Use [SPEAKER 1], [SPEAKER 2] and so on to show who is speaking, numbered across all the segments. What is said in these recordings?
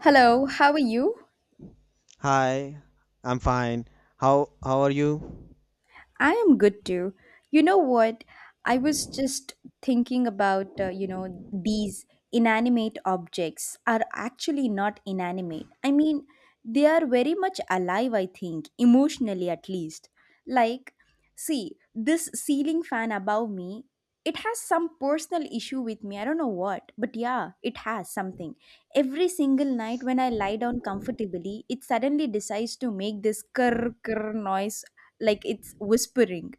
[SPEAKER 1] Hello, how are you?
[SPEAKER 2] Hi, I'm fine. How are you?
[SPEAKER 1] I am good too. You know what? I was just thinking about, these inanimate objects are actually not inanimate. I mean, they are very much alive, I think, emotionally at least. Like, See, this ceiling fan above me, it has some personal issue with me. I don't know what, but yeah, it has something. Every single night when I lie down comfortably, it suddenly decides to make this kurr kurr noise like it's whispering.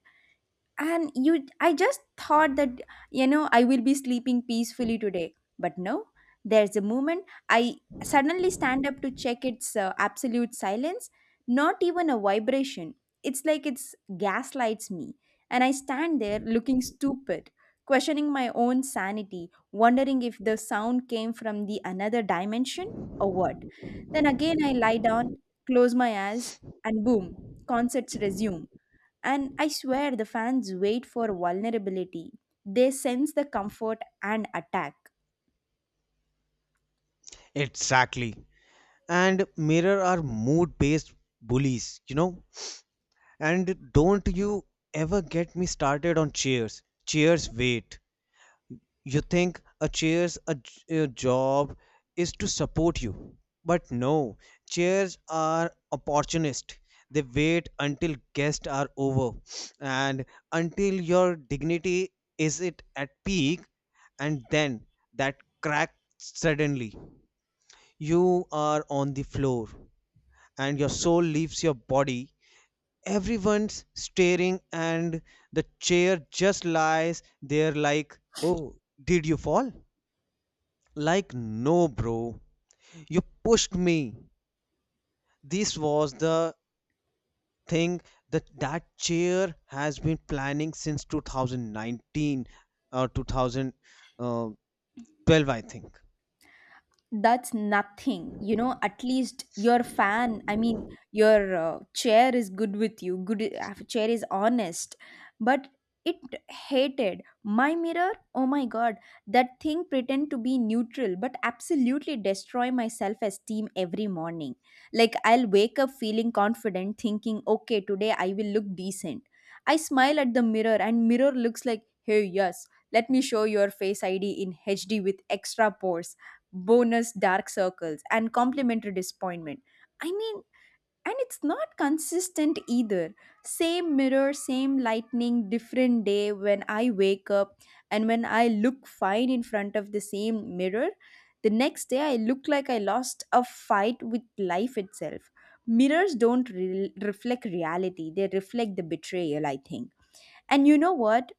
[SPEAKER 1] And you I just thought that I will be sleeping peacefully today, but no, there's a moment I suddenly stand up to check its absolute silence, not even a vibration. It's like it's gaslights me, and I stand there looking stupid, questioning my own sanity, wondering if the sound came from the another dimension or what. Then again I lie down, close my eyes, and boom, concerts resume. And I swear the fans wait for vulnerability. They sense the comfort and attack.
[SPEAKER 2] Exactly. And mirror are mood-based bullies, you know? And don't you ever get me started on cheers. Cheers, wait. You think a chair's a, a job is to support you. But no, chairs are opportunist. They wait until guests are over and until your dignity is it at peak and then that crack suddenly. You are on the floor and your soul leaves your body. Everyone's staring and the chair just lies there like, "Oh, did you fall?" Like, no, bro, you pushed me. This was the thing that chair has been planning since 2019 or 2012, I think.
[SPEAKER 1] That's nothing, you know. At least your fan, I mean your chair is good with you. Good chair is honest. But it hated my mirror, oh my god. That thing pretend to be neutral but absolutely destroy my self esteem every morning. Like I'll wake up feeling confident thinking okay today I will look decent. I smile at the mirror and mirror looks like hey yes, let me show your face id in hd with extra pores, bonus dark circles and complementary disappointment. I mean, and it's not consistent either. Same mirror, same lightning, different day when I wake up, and when I look fine in front of the same mirror, the next day I look like I lost a fight with life itself. Mirrors don't reflect reality, they reflect the betrayal, I think. And you know what?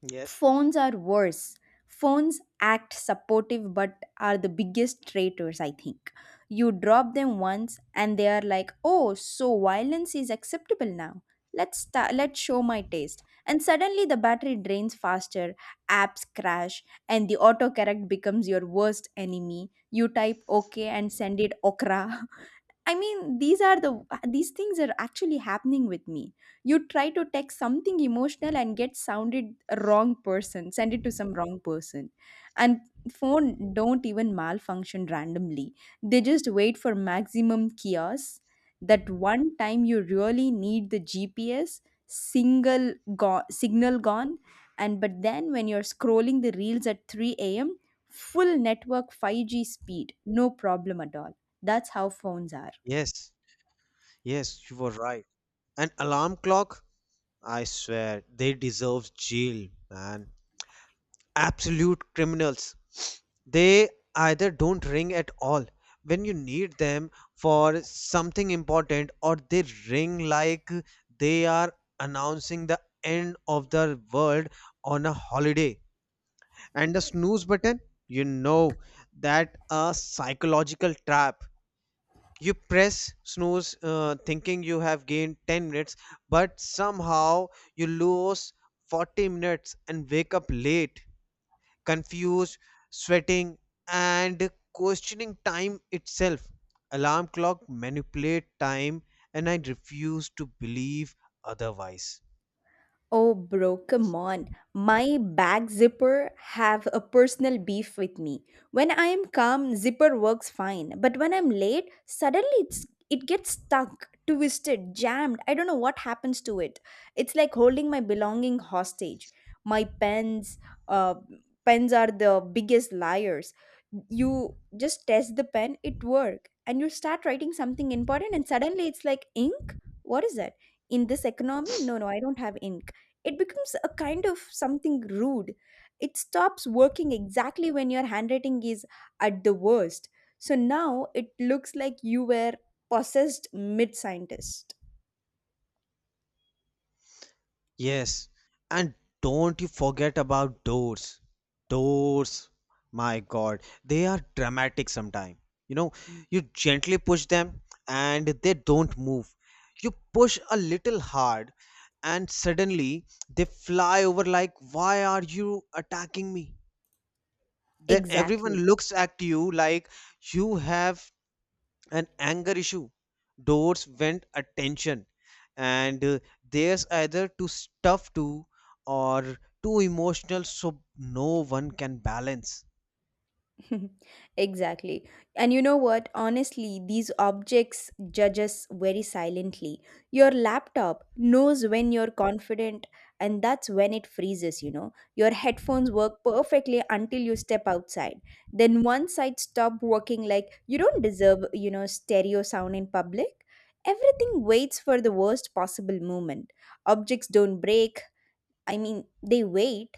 [SPEAKER 2] Yes.
[SPEAKER 1] Phones are worse. Phones act supportive but are the biggest traitors, I think. You drop them once and they are like, "Oh, so violence is acceptable now. Let's show my taste." And suddenly the battery drains faster, apps crash, and the autocorrect becomes your worst enemy. You type okay and send it okra. I mean, these things are actually happening with me. You try to text something emotional and get sounded wrong person, send it to some wrong person. And phone don't even malfunction randomly. They just wait for maximum chaos. That one time you really need the GPS, signal gone, and but then when you're scrolling the reels at 3 a.m., full network 5G speed, no problem at all. That's how phones are.
[SPEAKER 2] Yes, yes, you were right. An alarm clock? I swear, they deserve jail, man. Absolute criminals. They either don't ring at all when you need them for something important, or they ring like they are announcing the end of the world on a holiday. And the snooze button, you know that a psychological trap. You press snooze thinking you have gained 10 minutes, but somehow you lose 40 minutes and wake up late, confused, sweating, and questioning time itself. Alarm clock manipulate time, and I refuse to believe otherwise.
[SPEAKER 1] Oh, bro, come on. My bag zipper have a personal beef with me. When I am calm, zipper works fine, but when I'm late, suddenly it gets stuck, twisted, jammed. I don't know what happens to it. It's like holding my belonging hostage. My uh, pens are the biggest liars. You just test the pen, it work, and you start writing something important, and suddenly it's like ink. What is that? In this economy, no, no, I don't have ink, it becomes a kind of something rude. It stops working exactly when your handwriting is at the worst. So now it looks like you were possessed mid scientist.
[SPEAKER 2] Yes, and don't you forget about doors. Doors, my God, they are dramatic sometimes. You know, you gently push them and they don't move. You push a little hard and suddenly they fly over like, why are you attacking me? Then everyone
[SPEAKER 1] Exactly.
[SPEAKER 2] looks at you like you have an anger issue, doors went attention, and there's either too stuff to or too emotional so no one can balance.
[SPEAKER 1] Exactly. And you know what? Honestly, these objects judge us very silently. Your laptop knows when you're confident, and that's when it freezes, you know. Your headphones work perfectly until you step outside. Then one side stop working like you don't deserve, you know, stereo sound in public. Everything waits for the worst possible moment. Objects don't break. I mean, they wait.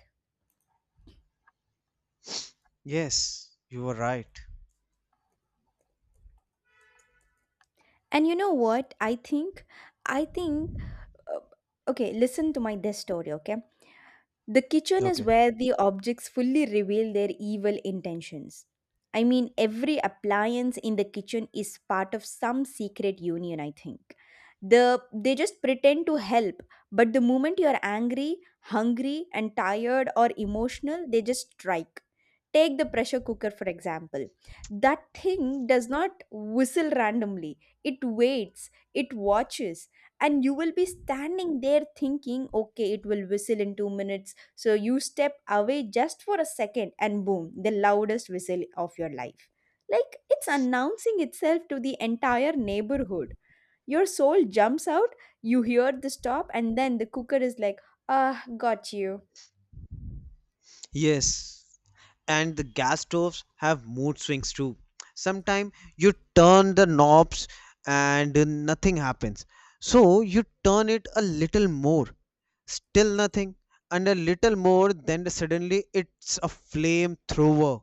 [SPEAKER 2] Yes, you are right.
[SPEAKER 1] And you know what? I think uh, okay, listen to my this story, okay. The kitchen is
[SPEAKER 2] Okay.
[SPEAKER 1] where the objects fully reveal their evil intentions. I mean, every appliance in the kitchen is part of some secret union, I think. the they just pretend to help, but the moment you are angry, hungry and tired or emotional, they just strike. Take the pressure cooker, for example. That thing does not whistle randomly, it waits, it watches, and you will be standing there thinking, okay, it will whistle in 2 minutes. So you step away just for a second, and boom, the loudest whistle of your life. Like it's announcing itself to the entire neighborhood. Your soul jumps out, you hear the stop and then the cooker is like, ah, got you.
[SPEAKER 2] Yes, and the gas stoves have mood swings too. Sometimes you turn the knobs and nothing happens, so you turn it a little more. Still nothing, and a little more, then suddenly it's a flamethrower,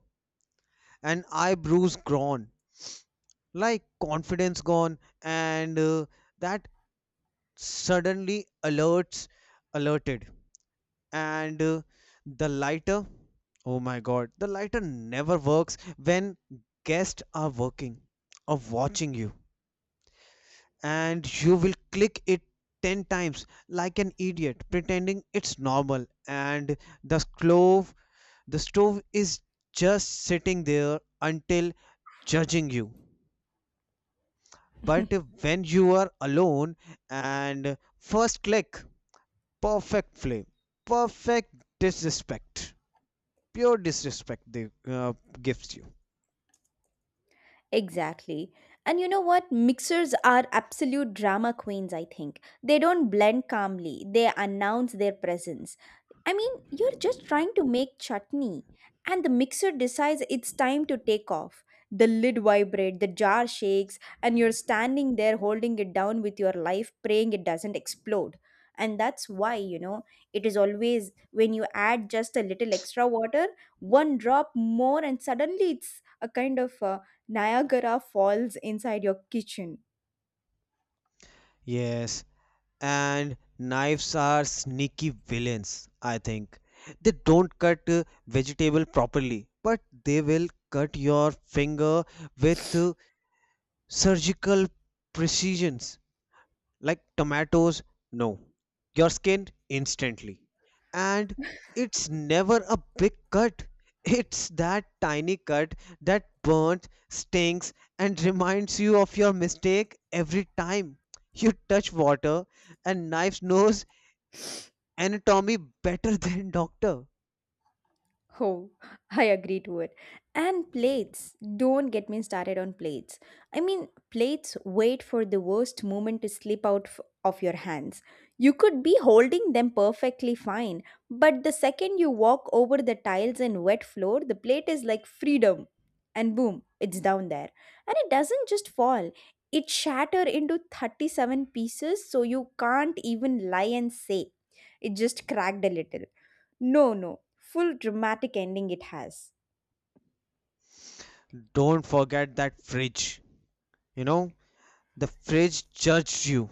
[SPEAKER 2] and eyebrows gone, like confidence gone, and that suddenly alerts, alerted, and the lighter. Oh my god, the lighter never works when guests are working or watching you, and you will click it 10 times like an idiot, pretending it's normal, and the glow. The stove is just sitting there until judging you. But when you are alone and first click, perfect flame, perfect disrespect, pure disrespect they gives you.
[SPEAKER 1] Exactly. And you know what? Mixers are absolute drama queens, I think. They don't blend calmly, they announce their presence. I mean, you're just trying to make chutney, and the mixer decides it's time to take off. The lid vibrates, the jar shakes, and you're standing there holding it down with your life, praying it doesn't explode. And that's why, you know, it is always when you add just a little extra water, one drop more, and suddenly it's a kind of Niagara Falls inside your kitchen.
[SPEAKER 2] Yes, and knives are sneaky villains, I think. They don't cut vegetable properly, but they will cut your finger with surgical precisions. Like tomatoes, no, you're skinned instantly, and it's never a big cut, it's that tiny cut that burns, stings, and reminds you of your mistake every time you touch water. And knives knows anatomy better than doctor.
[SPEAKER 1] Oh, I agree to it. And plates. Don't get me started on plates. I mean, plates wait for the worst moment to slip out of your hands. You could be holding them perfectly fine, but the second you walk over the tiles and wet floor, the plate is like freedom. And boom, it's down there. And it doesn't just fall, it shatters into 37 pieces so you can't even lie and say it just cracked a little. No, no. Full dramatic ending it has.
[SPEAKER 2] Don't forget that fridge, you know, the fridge judged you.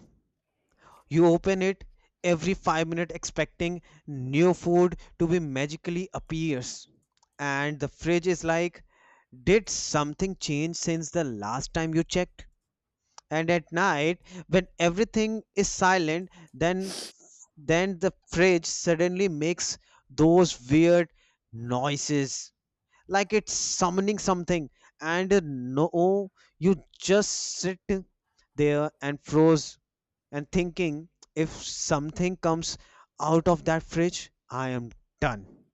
[SPEAKER 2] You open it every 5 minutes expecting new food to be magically appears. And the fridge is like, did something change since the last time you checked? And at night, when everything is silent, then the fridge suddenly makes those weird noises like it's summoning something, and no, you just sit there and froze and thinking, if something comes out of that fridge, I am done.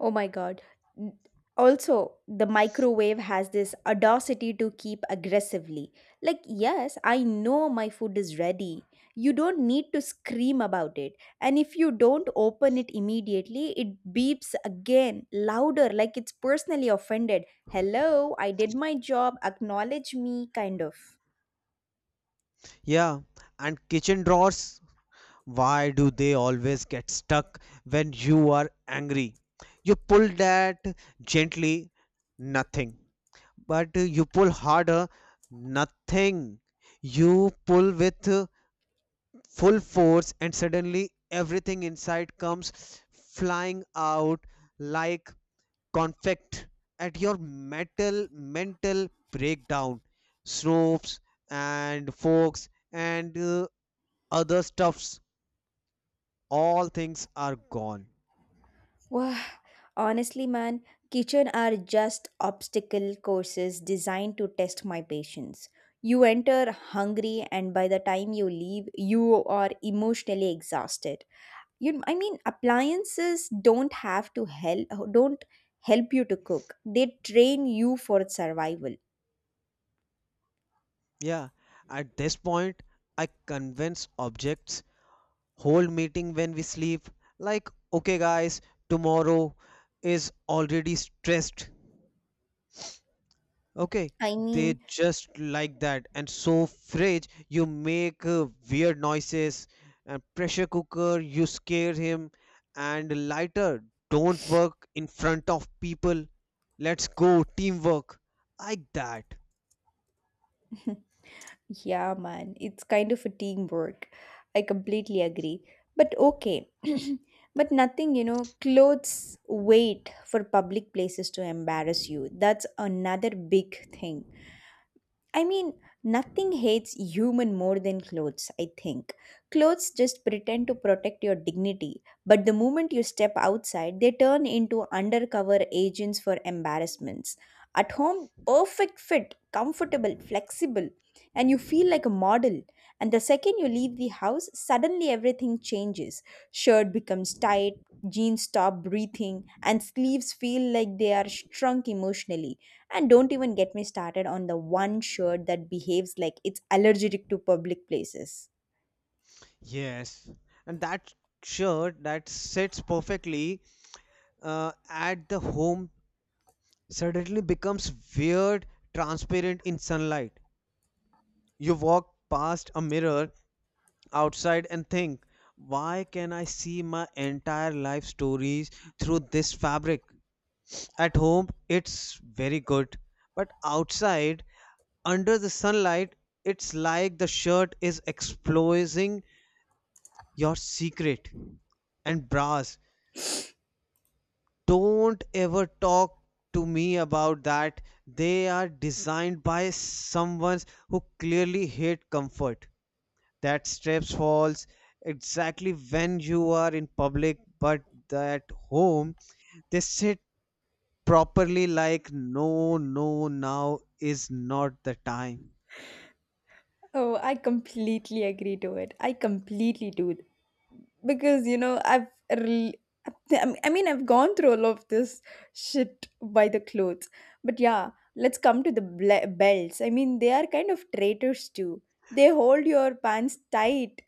[SPEAKER 1] Oh my god. N- Also, the microwave has this audacity to keep aggressively. Like, yes, I know my food is ready. You don't need to scream about it. And if you don't open it immediately, it beeps again, louder, like it's personally offended. Hello, I did my job, acknowledge me, kind of.
[SPEAKER 2] Yeah, and kitchen drawers, why do they always get stuck when you are angry? You pull that gently, nothing. But you pull harder, nothing. You pull with full force, and suddenly everything inside comes flying out like conflict at your metal mental breakdown, snopes and forks and other stuffs, all things are gone.
[SPEAKER 1] Wah, honestly, man, kitchen are just obstacle courses designed to test my patience. You enter hungry, and by the time you leave, you are emotionally exhausted. You, I mean, appliances don't have to help, don't help you to cook. They train you for survival.
[SPEAKER 2] Yeah, at this point I convince objects hold meeting when we sleep, like okay guys, tomorrow is already stressed, okay.
[SPEAKER 1] I mean,
[SPEAKER 2] They just like that, and so fridge you make weird noises, and pressure cooker you scare him, and lighter don't work in front of people, let's go teamwork, like that.
[SPEAKER 1] yeah, man, it's kind of a teamwork. I completely agree. But okay, but nothing, you know, clothes wait for public places to embarrass you. That's another big thing. I mean, nothing hates human more than clothes, I think. Clothes just pretend to protect your dignity, but the moment you step outside, they turn into undercover agents for embarrassments. At home, perfect fit, comfortable, flexible, and you feel like a model. And the second you leave the house, suddenly everything changes. Shirt becomes tight, jeans stop breathing, and sleeves feel like they are shrunk emotionally. And don't even get me started on the one shirt that behaves like it's allergic to public places.
[SPEAKER 2] Yes, and that shirt that sits perfectly at the home suddenly becomes weird, transparent in sunlight. You walk past a mirror outside and think, why can I see my entire life stories through this fabric? At home, it's very good, but outside, under the sunlight, it's like the shirt is exposing your secret. And bras, don't ever talk to me about that. They are designed by someone who clearly hate comfort. That steps falls exactly when you are in public, but at home they sit properly like no, no, now is not the time.
[SPEAKER 1] Oh, I completely agree to it. I completely do, because you know rel- I mean I've gone through all of this shit by the clothes. But yeah, let's come to the belts. I mean they are kind of traitors too. They hold your pants tight,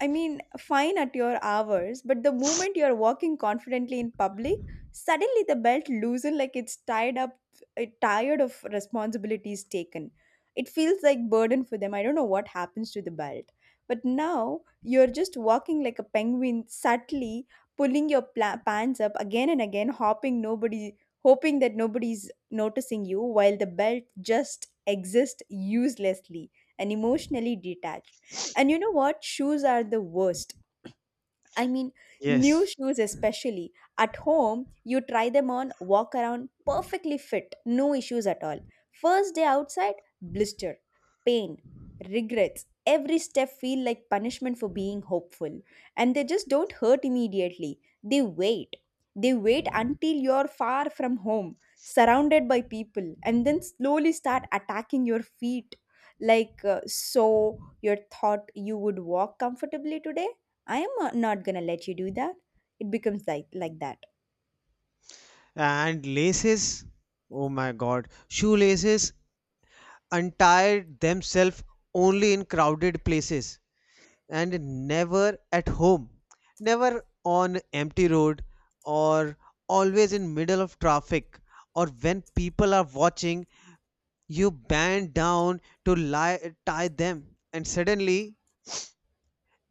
[SPEAKER 1] I mean, fine at your hours, but the moment you're walking confidently in public, suddenly the belt loosens like it's tied up, tired of responsibilities taken. It feels like burden for them. I don't know what happens to the belt. But now you're just walking like a penguin, subtly pulling your pants up again and again, hopping nobody, hoping that nobody's noticing you, while the belt just exists uselessly and emotionally detached. And you know what? Shoes are the worst. I mean, new
[SPEAKER 2] Yes,
[SPEAKER 1] shoes, especially at home, you try them on, walk around, perfectly fit, no issues at all. First day outside, blister, pain, regrets. Every step feel like punishment for being hopeful. And they just don't hurt immediately. They wait. They wait until you're far from home, surrounded by people, and then slowly start attacking your feet. Like, so you thought you would walk comfortably today? I am not gonna let you do that. It becomes like that.
[SPEAKER 2] and laces, oh my god, shoelaces untie themselves only in crowded places and never at home, never on empty road, or always in middle of traffic, or when people are watching. You bend down to lie, tie them, and suddenly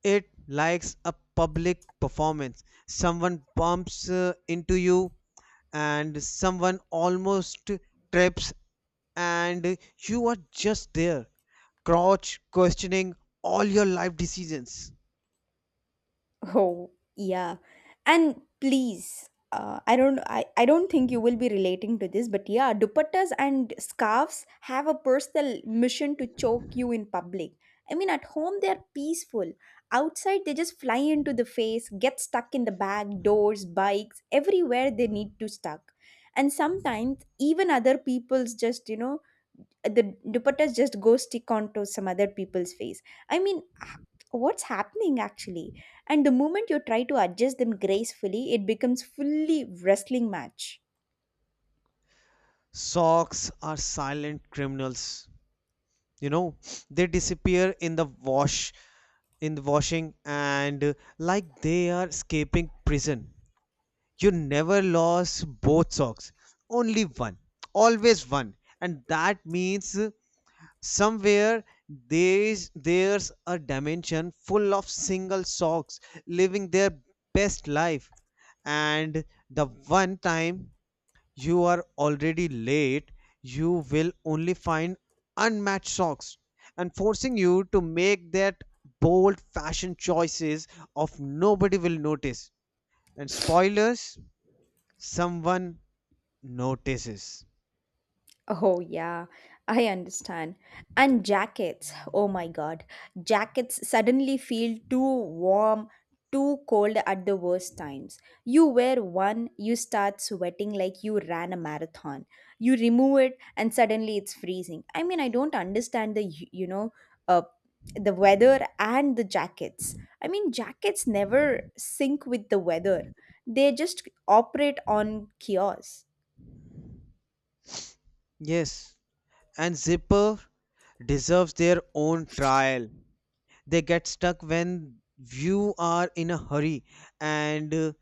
[SPEAKER 2] it likes a public performance. Someone bumps into you, and someone almost trips, and you are just there, crouch questioning all your life decisions.
[SPEAKER 1] Oh yeah, and please, I don't think you will be relating to this, but yeah, dupattas and scarves have a personal mission to choke you in public. I mean, at home they are peaceful. Outside they just fly into the face, get stuck in the bag, doors, bikes, everywhere they need to stuck. And sometimes even other people's, just you know, the dupattas just go stick onto some other people's face. I mean, what's happening actually? And the moment you try to adjust them gracefully it becomes fully wrestling match.
[SPEAKER 2] Socks are silent criminals. You know, they disappear in the wash, in the washing and like they are escaping prison. You never lost both socks, only one, always one, and that means somewhere there's a dimension full of single socks living their best life, and the one time you are already late, you will only find unmatched socks and forcing you to make that bold fashion choices of nobody will notice. And spoilers? Someone notices.
[SPEAKER 1] Oh, yeah, I understand. And jackets, oh my god, jackets suddenly feel too warm, too cold at the worst times. You wear one, you start sweating like you ran a marathon. You remove it, and suddenly it's freezing. I mean, I don't understand the, you know, uh, the weather and the jackets. I mean, jackets never sync with the weather, they just operate on chaos.
[SPEAKER 2] Yes, and Zipper deserves their own trial. They get stuck when you are in a hurry, and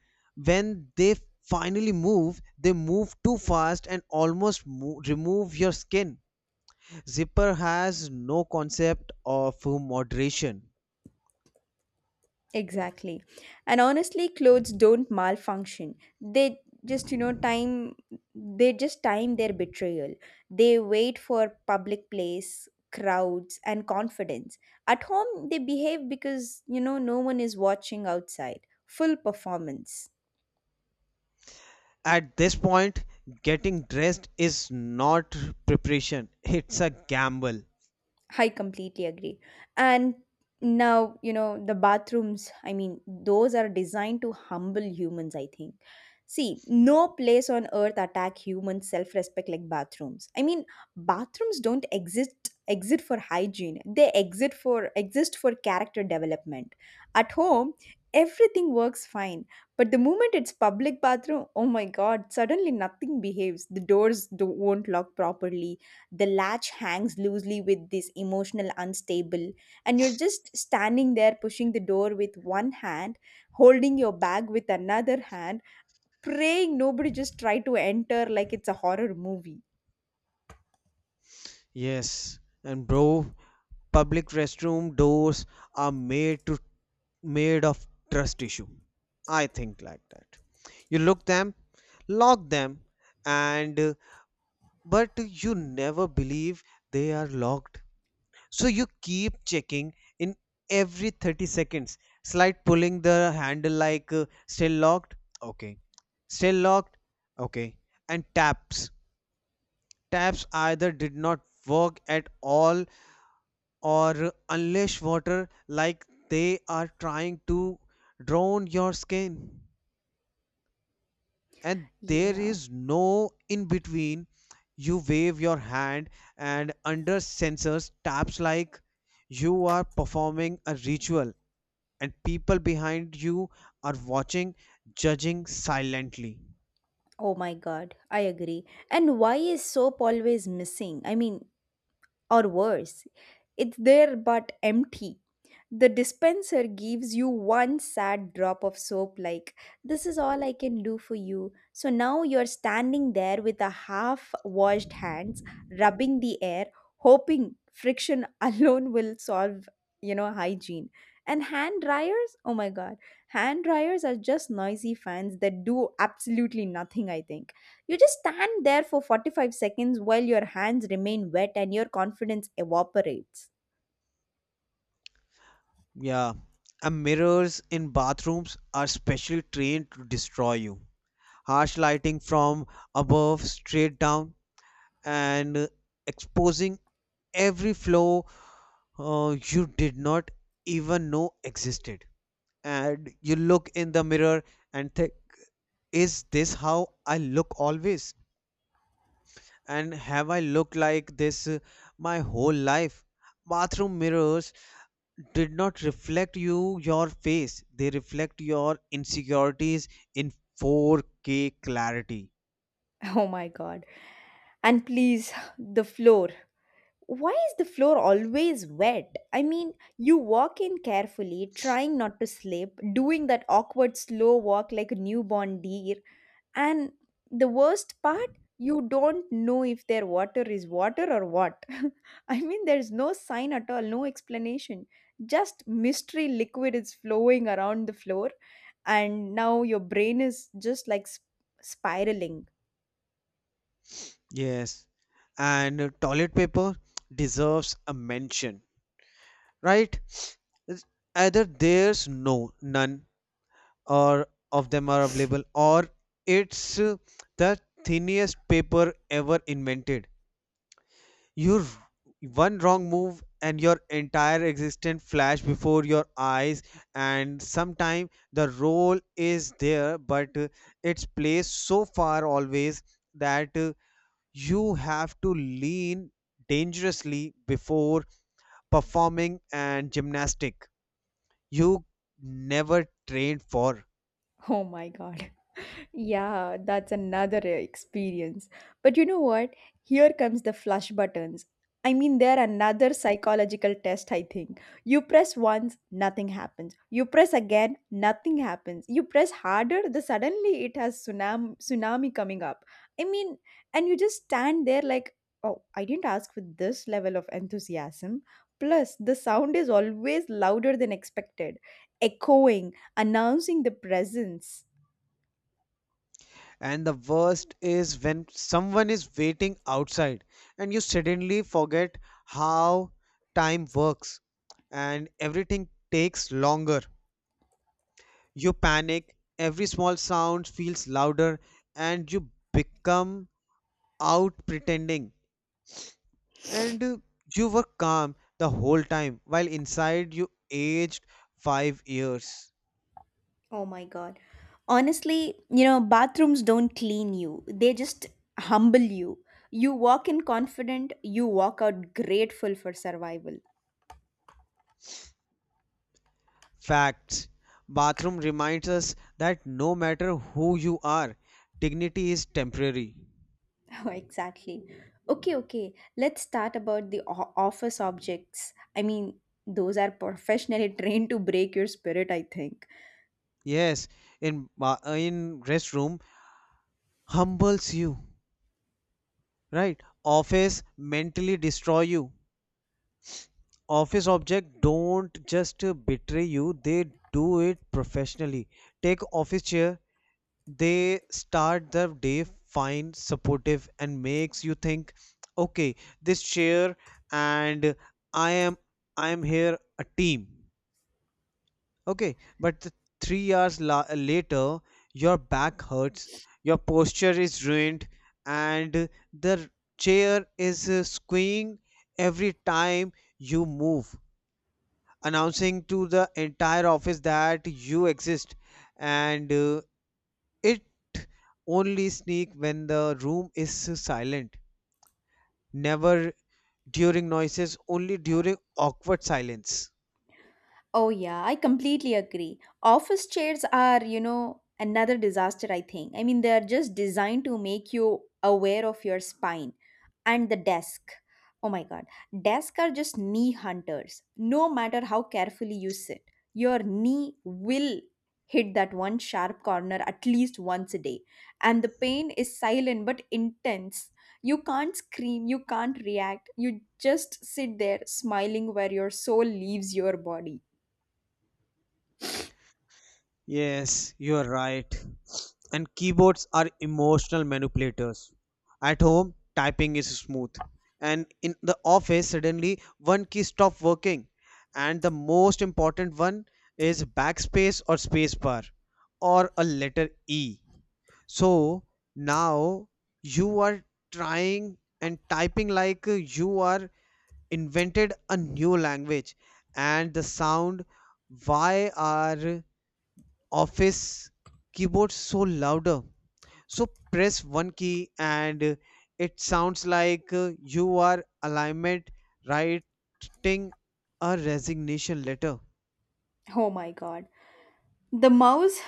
[SPEAKER 2] when they finally move, they move too fast and almost remove your skin. Zipper has no concept of moderation.
[SPEAKER 1] Exactly. And honestly, clothes don't malfunction. They just, they just time their betrayal. They wait for public place, crowds, and confidence. At home, they behave because, no one is watching outside. Full performance.
[SPEAKER 2] At this point, getting dressed is not preparation, it's a gamble.
[SPEAKER 1] I completely agree. And now, the bathrooms. I mean, those are designed to humble humans, I think. See, no place on earth attack human self-respect like bathrooms. I mean, bathrooms don't exist for hygiene. They exist for character development. At home, everything works fine, but the moment it's public bathroom, oh my god, suddenly nothing behaves. The doors do won't lock properly, the latch hangs loosely with this emotional unstable, and you're just standing there pushing the door with one hand, holding your bag with another hand, praying nobody just try to enter like it's a horror movie.
[SPEAKER 2] Yes, and bro, public restroom doors are made to made of trust tissue. I think like that. You look them, lock them, and but you never believe they are locked. So you keep checking in every 30 seconds. Slight pulling the handle like still locked. Okay. Still locked. Okay. And taps. Taps either did not work at all or unleash water like they are trying to drown your skin, and there
[SPEAKER 1] Yeah.
[SPEAKER 2] is no in between. You wave your hand and under sensors taps like you are performing a ritual, and people behind you are watching, judging silently.
[SPEAKER 1] Oh my god, I agree. And why is soap always missing? I mean, or worse, it's there but empty. The dispenser gives you one sad drop of soap, like, this is all I can do for you. So now you're standing there with a half washed hands, rubbing the air, hoping friction alone will solve, hygiene. And hand dryers, oh my god, hand dryers are just noisy fans that do absolutely nothing, I think. You just stand there for 45 seconds while your hands remain wet and your confidence evaporates.
[SPEAKER 2] Yeah, and mirrors in bathrooms are specially trained to destroy you. Harsh lighting from above straight down and exposing every flaw you did not even know existed. And you look in the mirror and think, is this how I look always? And have I looked like this my whole life? Bathroom mirrors did not reflect you, your face. They reflect your insecurities in 4K clarity.
[SPEAKER 1] Oh my god. And please, the floor. Why is the floor always wet? I mean, you walk in carefully, trying not to slip, doing that awkward slow walk like a newborn deer. And the worst part, you don't know if their water is water or what. I mean, there's no sign at all, no explanation. Just mystery liquid is flowing around the floor, and now your brain is just like spiraling.
[SPEAKER 2] Yes. And toilet paper deserves a mention, right? It's either there's no none or of them are available, or it's the thinnest paper ever invented. Your one wrong move and your entire existence flash before your eyes. And sometime the role is there, but it's placed so far always that you have to lean dangerously before performing and gymnastic you never trained for.
[SPEAKER 1] Oh my god. Yeah, that's another experience. But you know what? Here comes the flush buttons. I mean, they're another psychological test, I think. You press once, nothing happens. You press again, nothing happens. You press harder, the suddenly it has tsunami coming up. I mean, and you just stand there like, oh, I didn't ask for this level of enthusiasm. Plus, the sound is always louder than expected, echoing, announcing the presence.
[SPEAKER 2] And the worst is when someone is waiting outside and you suddenly forget how time works and everything takes longer. You panic, every small sound feels louder, and you become out pretending. And you were calm the whole time while inside you aged 5 years.
[SPEAKER 1] Oh my God. Honestly, bathrooms don't clean you, they just humble you. You walk in confident, you walk out grateful for survival.
[SPEAKER 2] Facts. Bathroom reminds us that no matter who you are, dignity is temporary.
[SPEAKER 1] Oh, exactly. Okay, okay. Let's start about the office objects. I mean, those are professionally trained to break your spirit, I think.
[SPEAKER 2] Yes, in in restroom humbles you, right? Office mentally destroy you. Office object don't just betray you; they do it professionally. Take office chair, they start the day fine, supportive, and makes you think, okay, this chair and i am I am here a team, okay, but 3 hours later your back hurts, your posture is ruined, and the chair is squeeing every time you move, announcing to the entire office that you exist, and it only sneak when the room is silent, never during noises, only during awkward silence.
[SPEAKER 1] Oh, yeah, I completely agree. Office chairs are, another disaster, I think. I mean, they're just designed to make you aware of your spine and the desk. Oh my God. Desks are just knee hunters. No matter how carefully you sit, your knee will hit that one sharp corner at least once a day. And the pain is silent but intense. You can't scream, you can't react. You just sit there smiling where your soul leaves your body.
[SPEAKER 2] Yes, you're right. And keyboards are emotional manipulators. At home, typing is smooth. And in the office, suddenly one key stops working. And the most important one is backspace or spacebar or a letter E. So now you are trying and typing like you are invented a new language, and the sound, why are office keyboard so louder. So press one key and it sounds like you are alignment writing a resignation letter.
[SPEAKER 1] Oh my god. The mouse,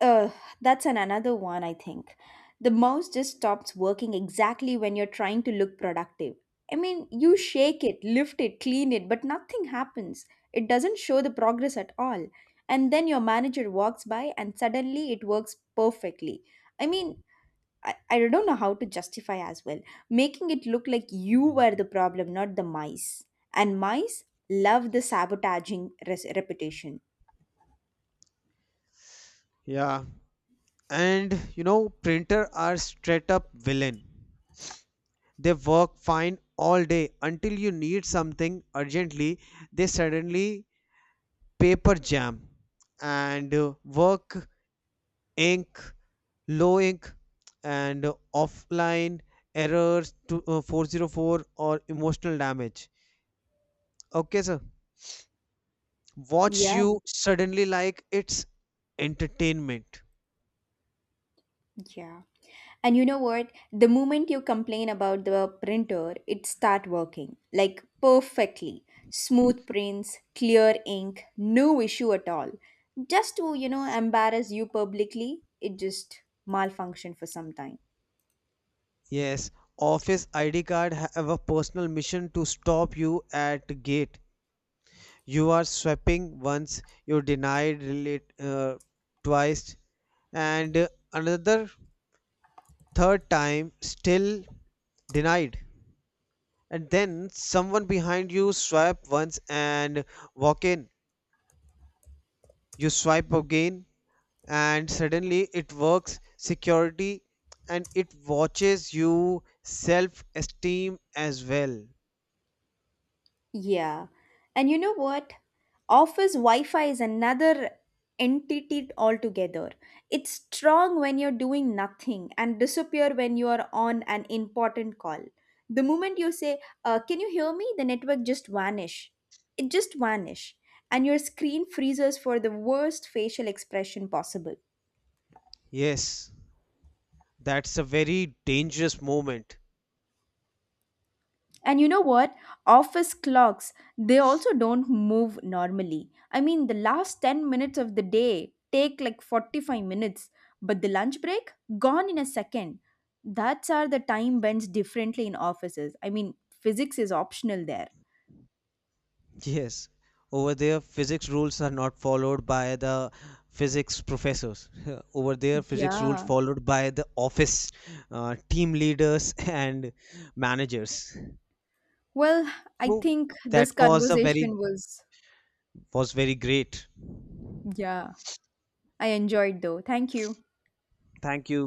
[SPEAKER 1] uh, that's an another one, I think. The mouse just stops working exactly when you're trying to look productive. I mean, you shake it, lift it, clean it, but nothing happens. It doesn't show the progress at all. And then your manager walks by and suddenly it works perfectly. I mean, I don't know how to justify as well, making it look like you were the problem, not the mice. And mice love the sabotaging reputation.
[SPEAKER 2] Yeah. And you know, printer are straight up villain. They work fine all day until you need something urgently. They suddenly paper jam and work ink Loic and offline errors to 404 or emotional damage. Okay, sir. Watch you suddenly like it's entertainment.
[SPEAKER 1] Yeah. And you know what? The moment you complain about the printer, it start working like perfectly. Smooth prints, clear ink, no issue at all. Just to, embarrass you publicly, it just malfunction for some time.
[SPEAKER 2] Yes, office ID card have a personal mission to stop you at gate. You are swapping once, you denied relate twice, and another third time still denied. And then someone behind you swipe once and walk in, you swipe again and suddenly it works, security and it watches you self esteem as well.
[SPEAKER 1] Yeah. And you know what? Office Wi Fi is another entity altogether. It's strong when you're doing nothing and disappear when you are on an important call. The moment you say, can you hear me? The network just vanish. It just vanish. And your screen freezes for the worst facial expression possible.
[SPEAKER 2] Yes, that's a very dangerous moment.
[SPEAKER 1] And you know what? Office clocks, they also don't move normally. I mean, the last 10 minutes of the day take like 45 minutes, but the lunch break gone in a second. That's are the time bends differently in offices. I mean, physics is optional there.
[SPEAKER 2] Yes, over there physics rules are not followed by the physics professors over there physics rules
[SPEAKER 1] Yeah.
[SPEAKER 2] followed by the office team leaders and managers.
[SPEAKER 1] Well, I
[SPEAKER 2] So
[SPEAKER 1] think
[SPEAKER 2] that
[SPEAKER 1] this
[SPEAKER 2] was a very
[SPEAKER 1] conversation was,
[SPEAKER 2] was very great.
[SPEAKER 1] yeah, I enjoyed though. Thank you.
[SPEAKER 2] Thank you.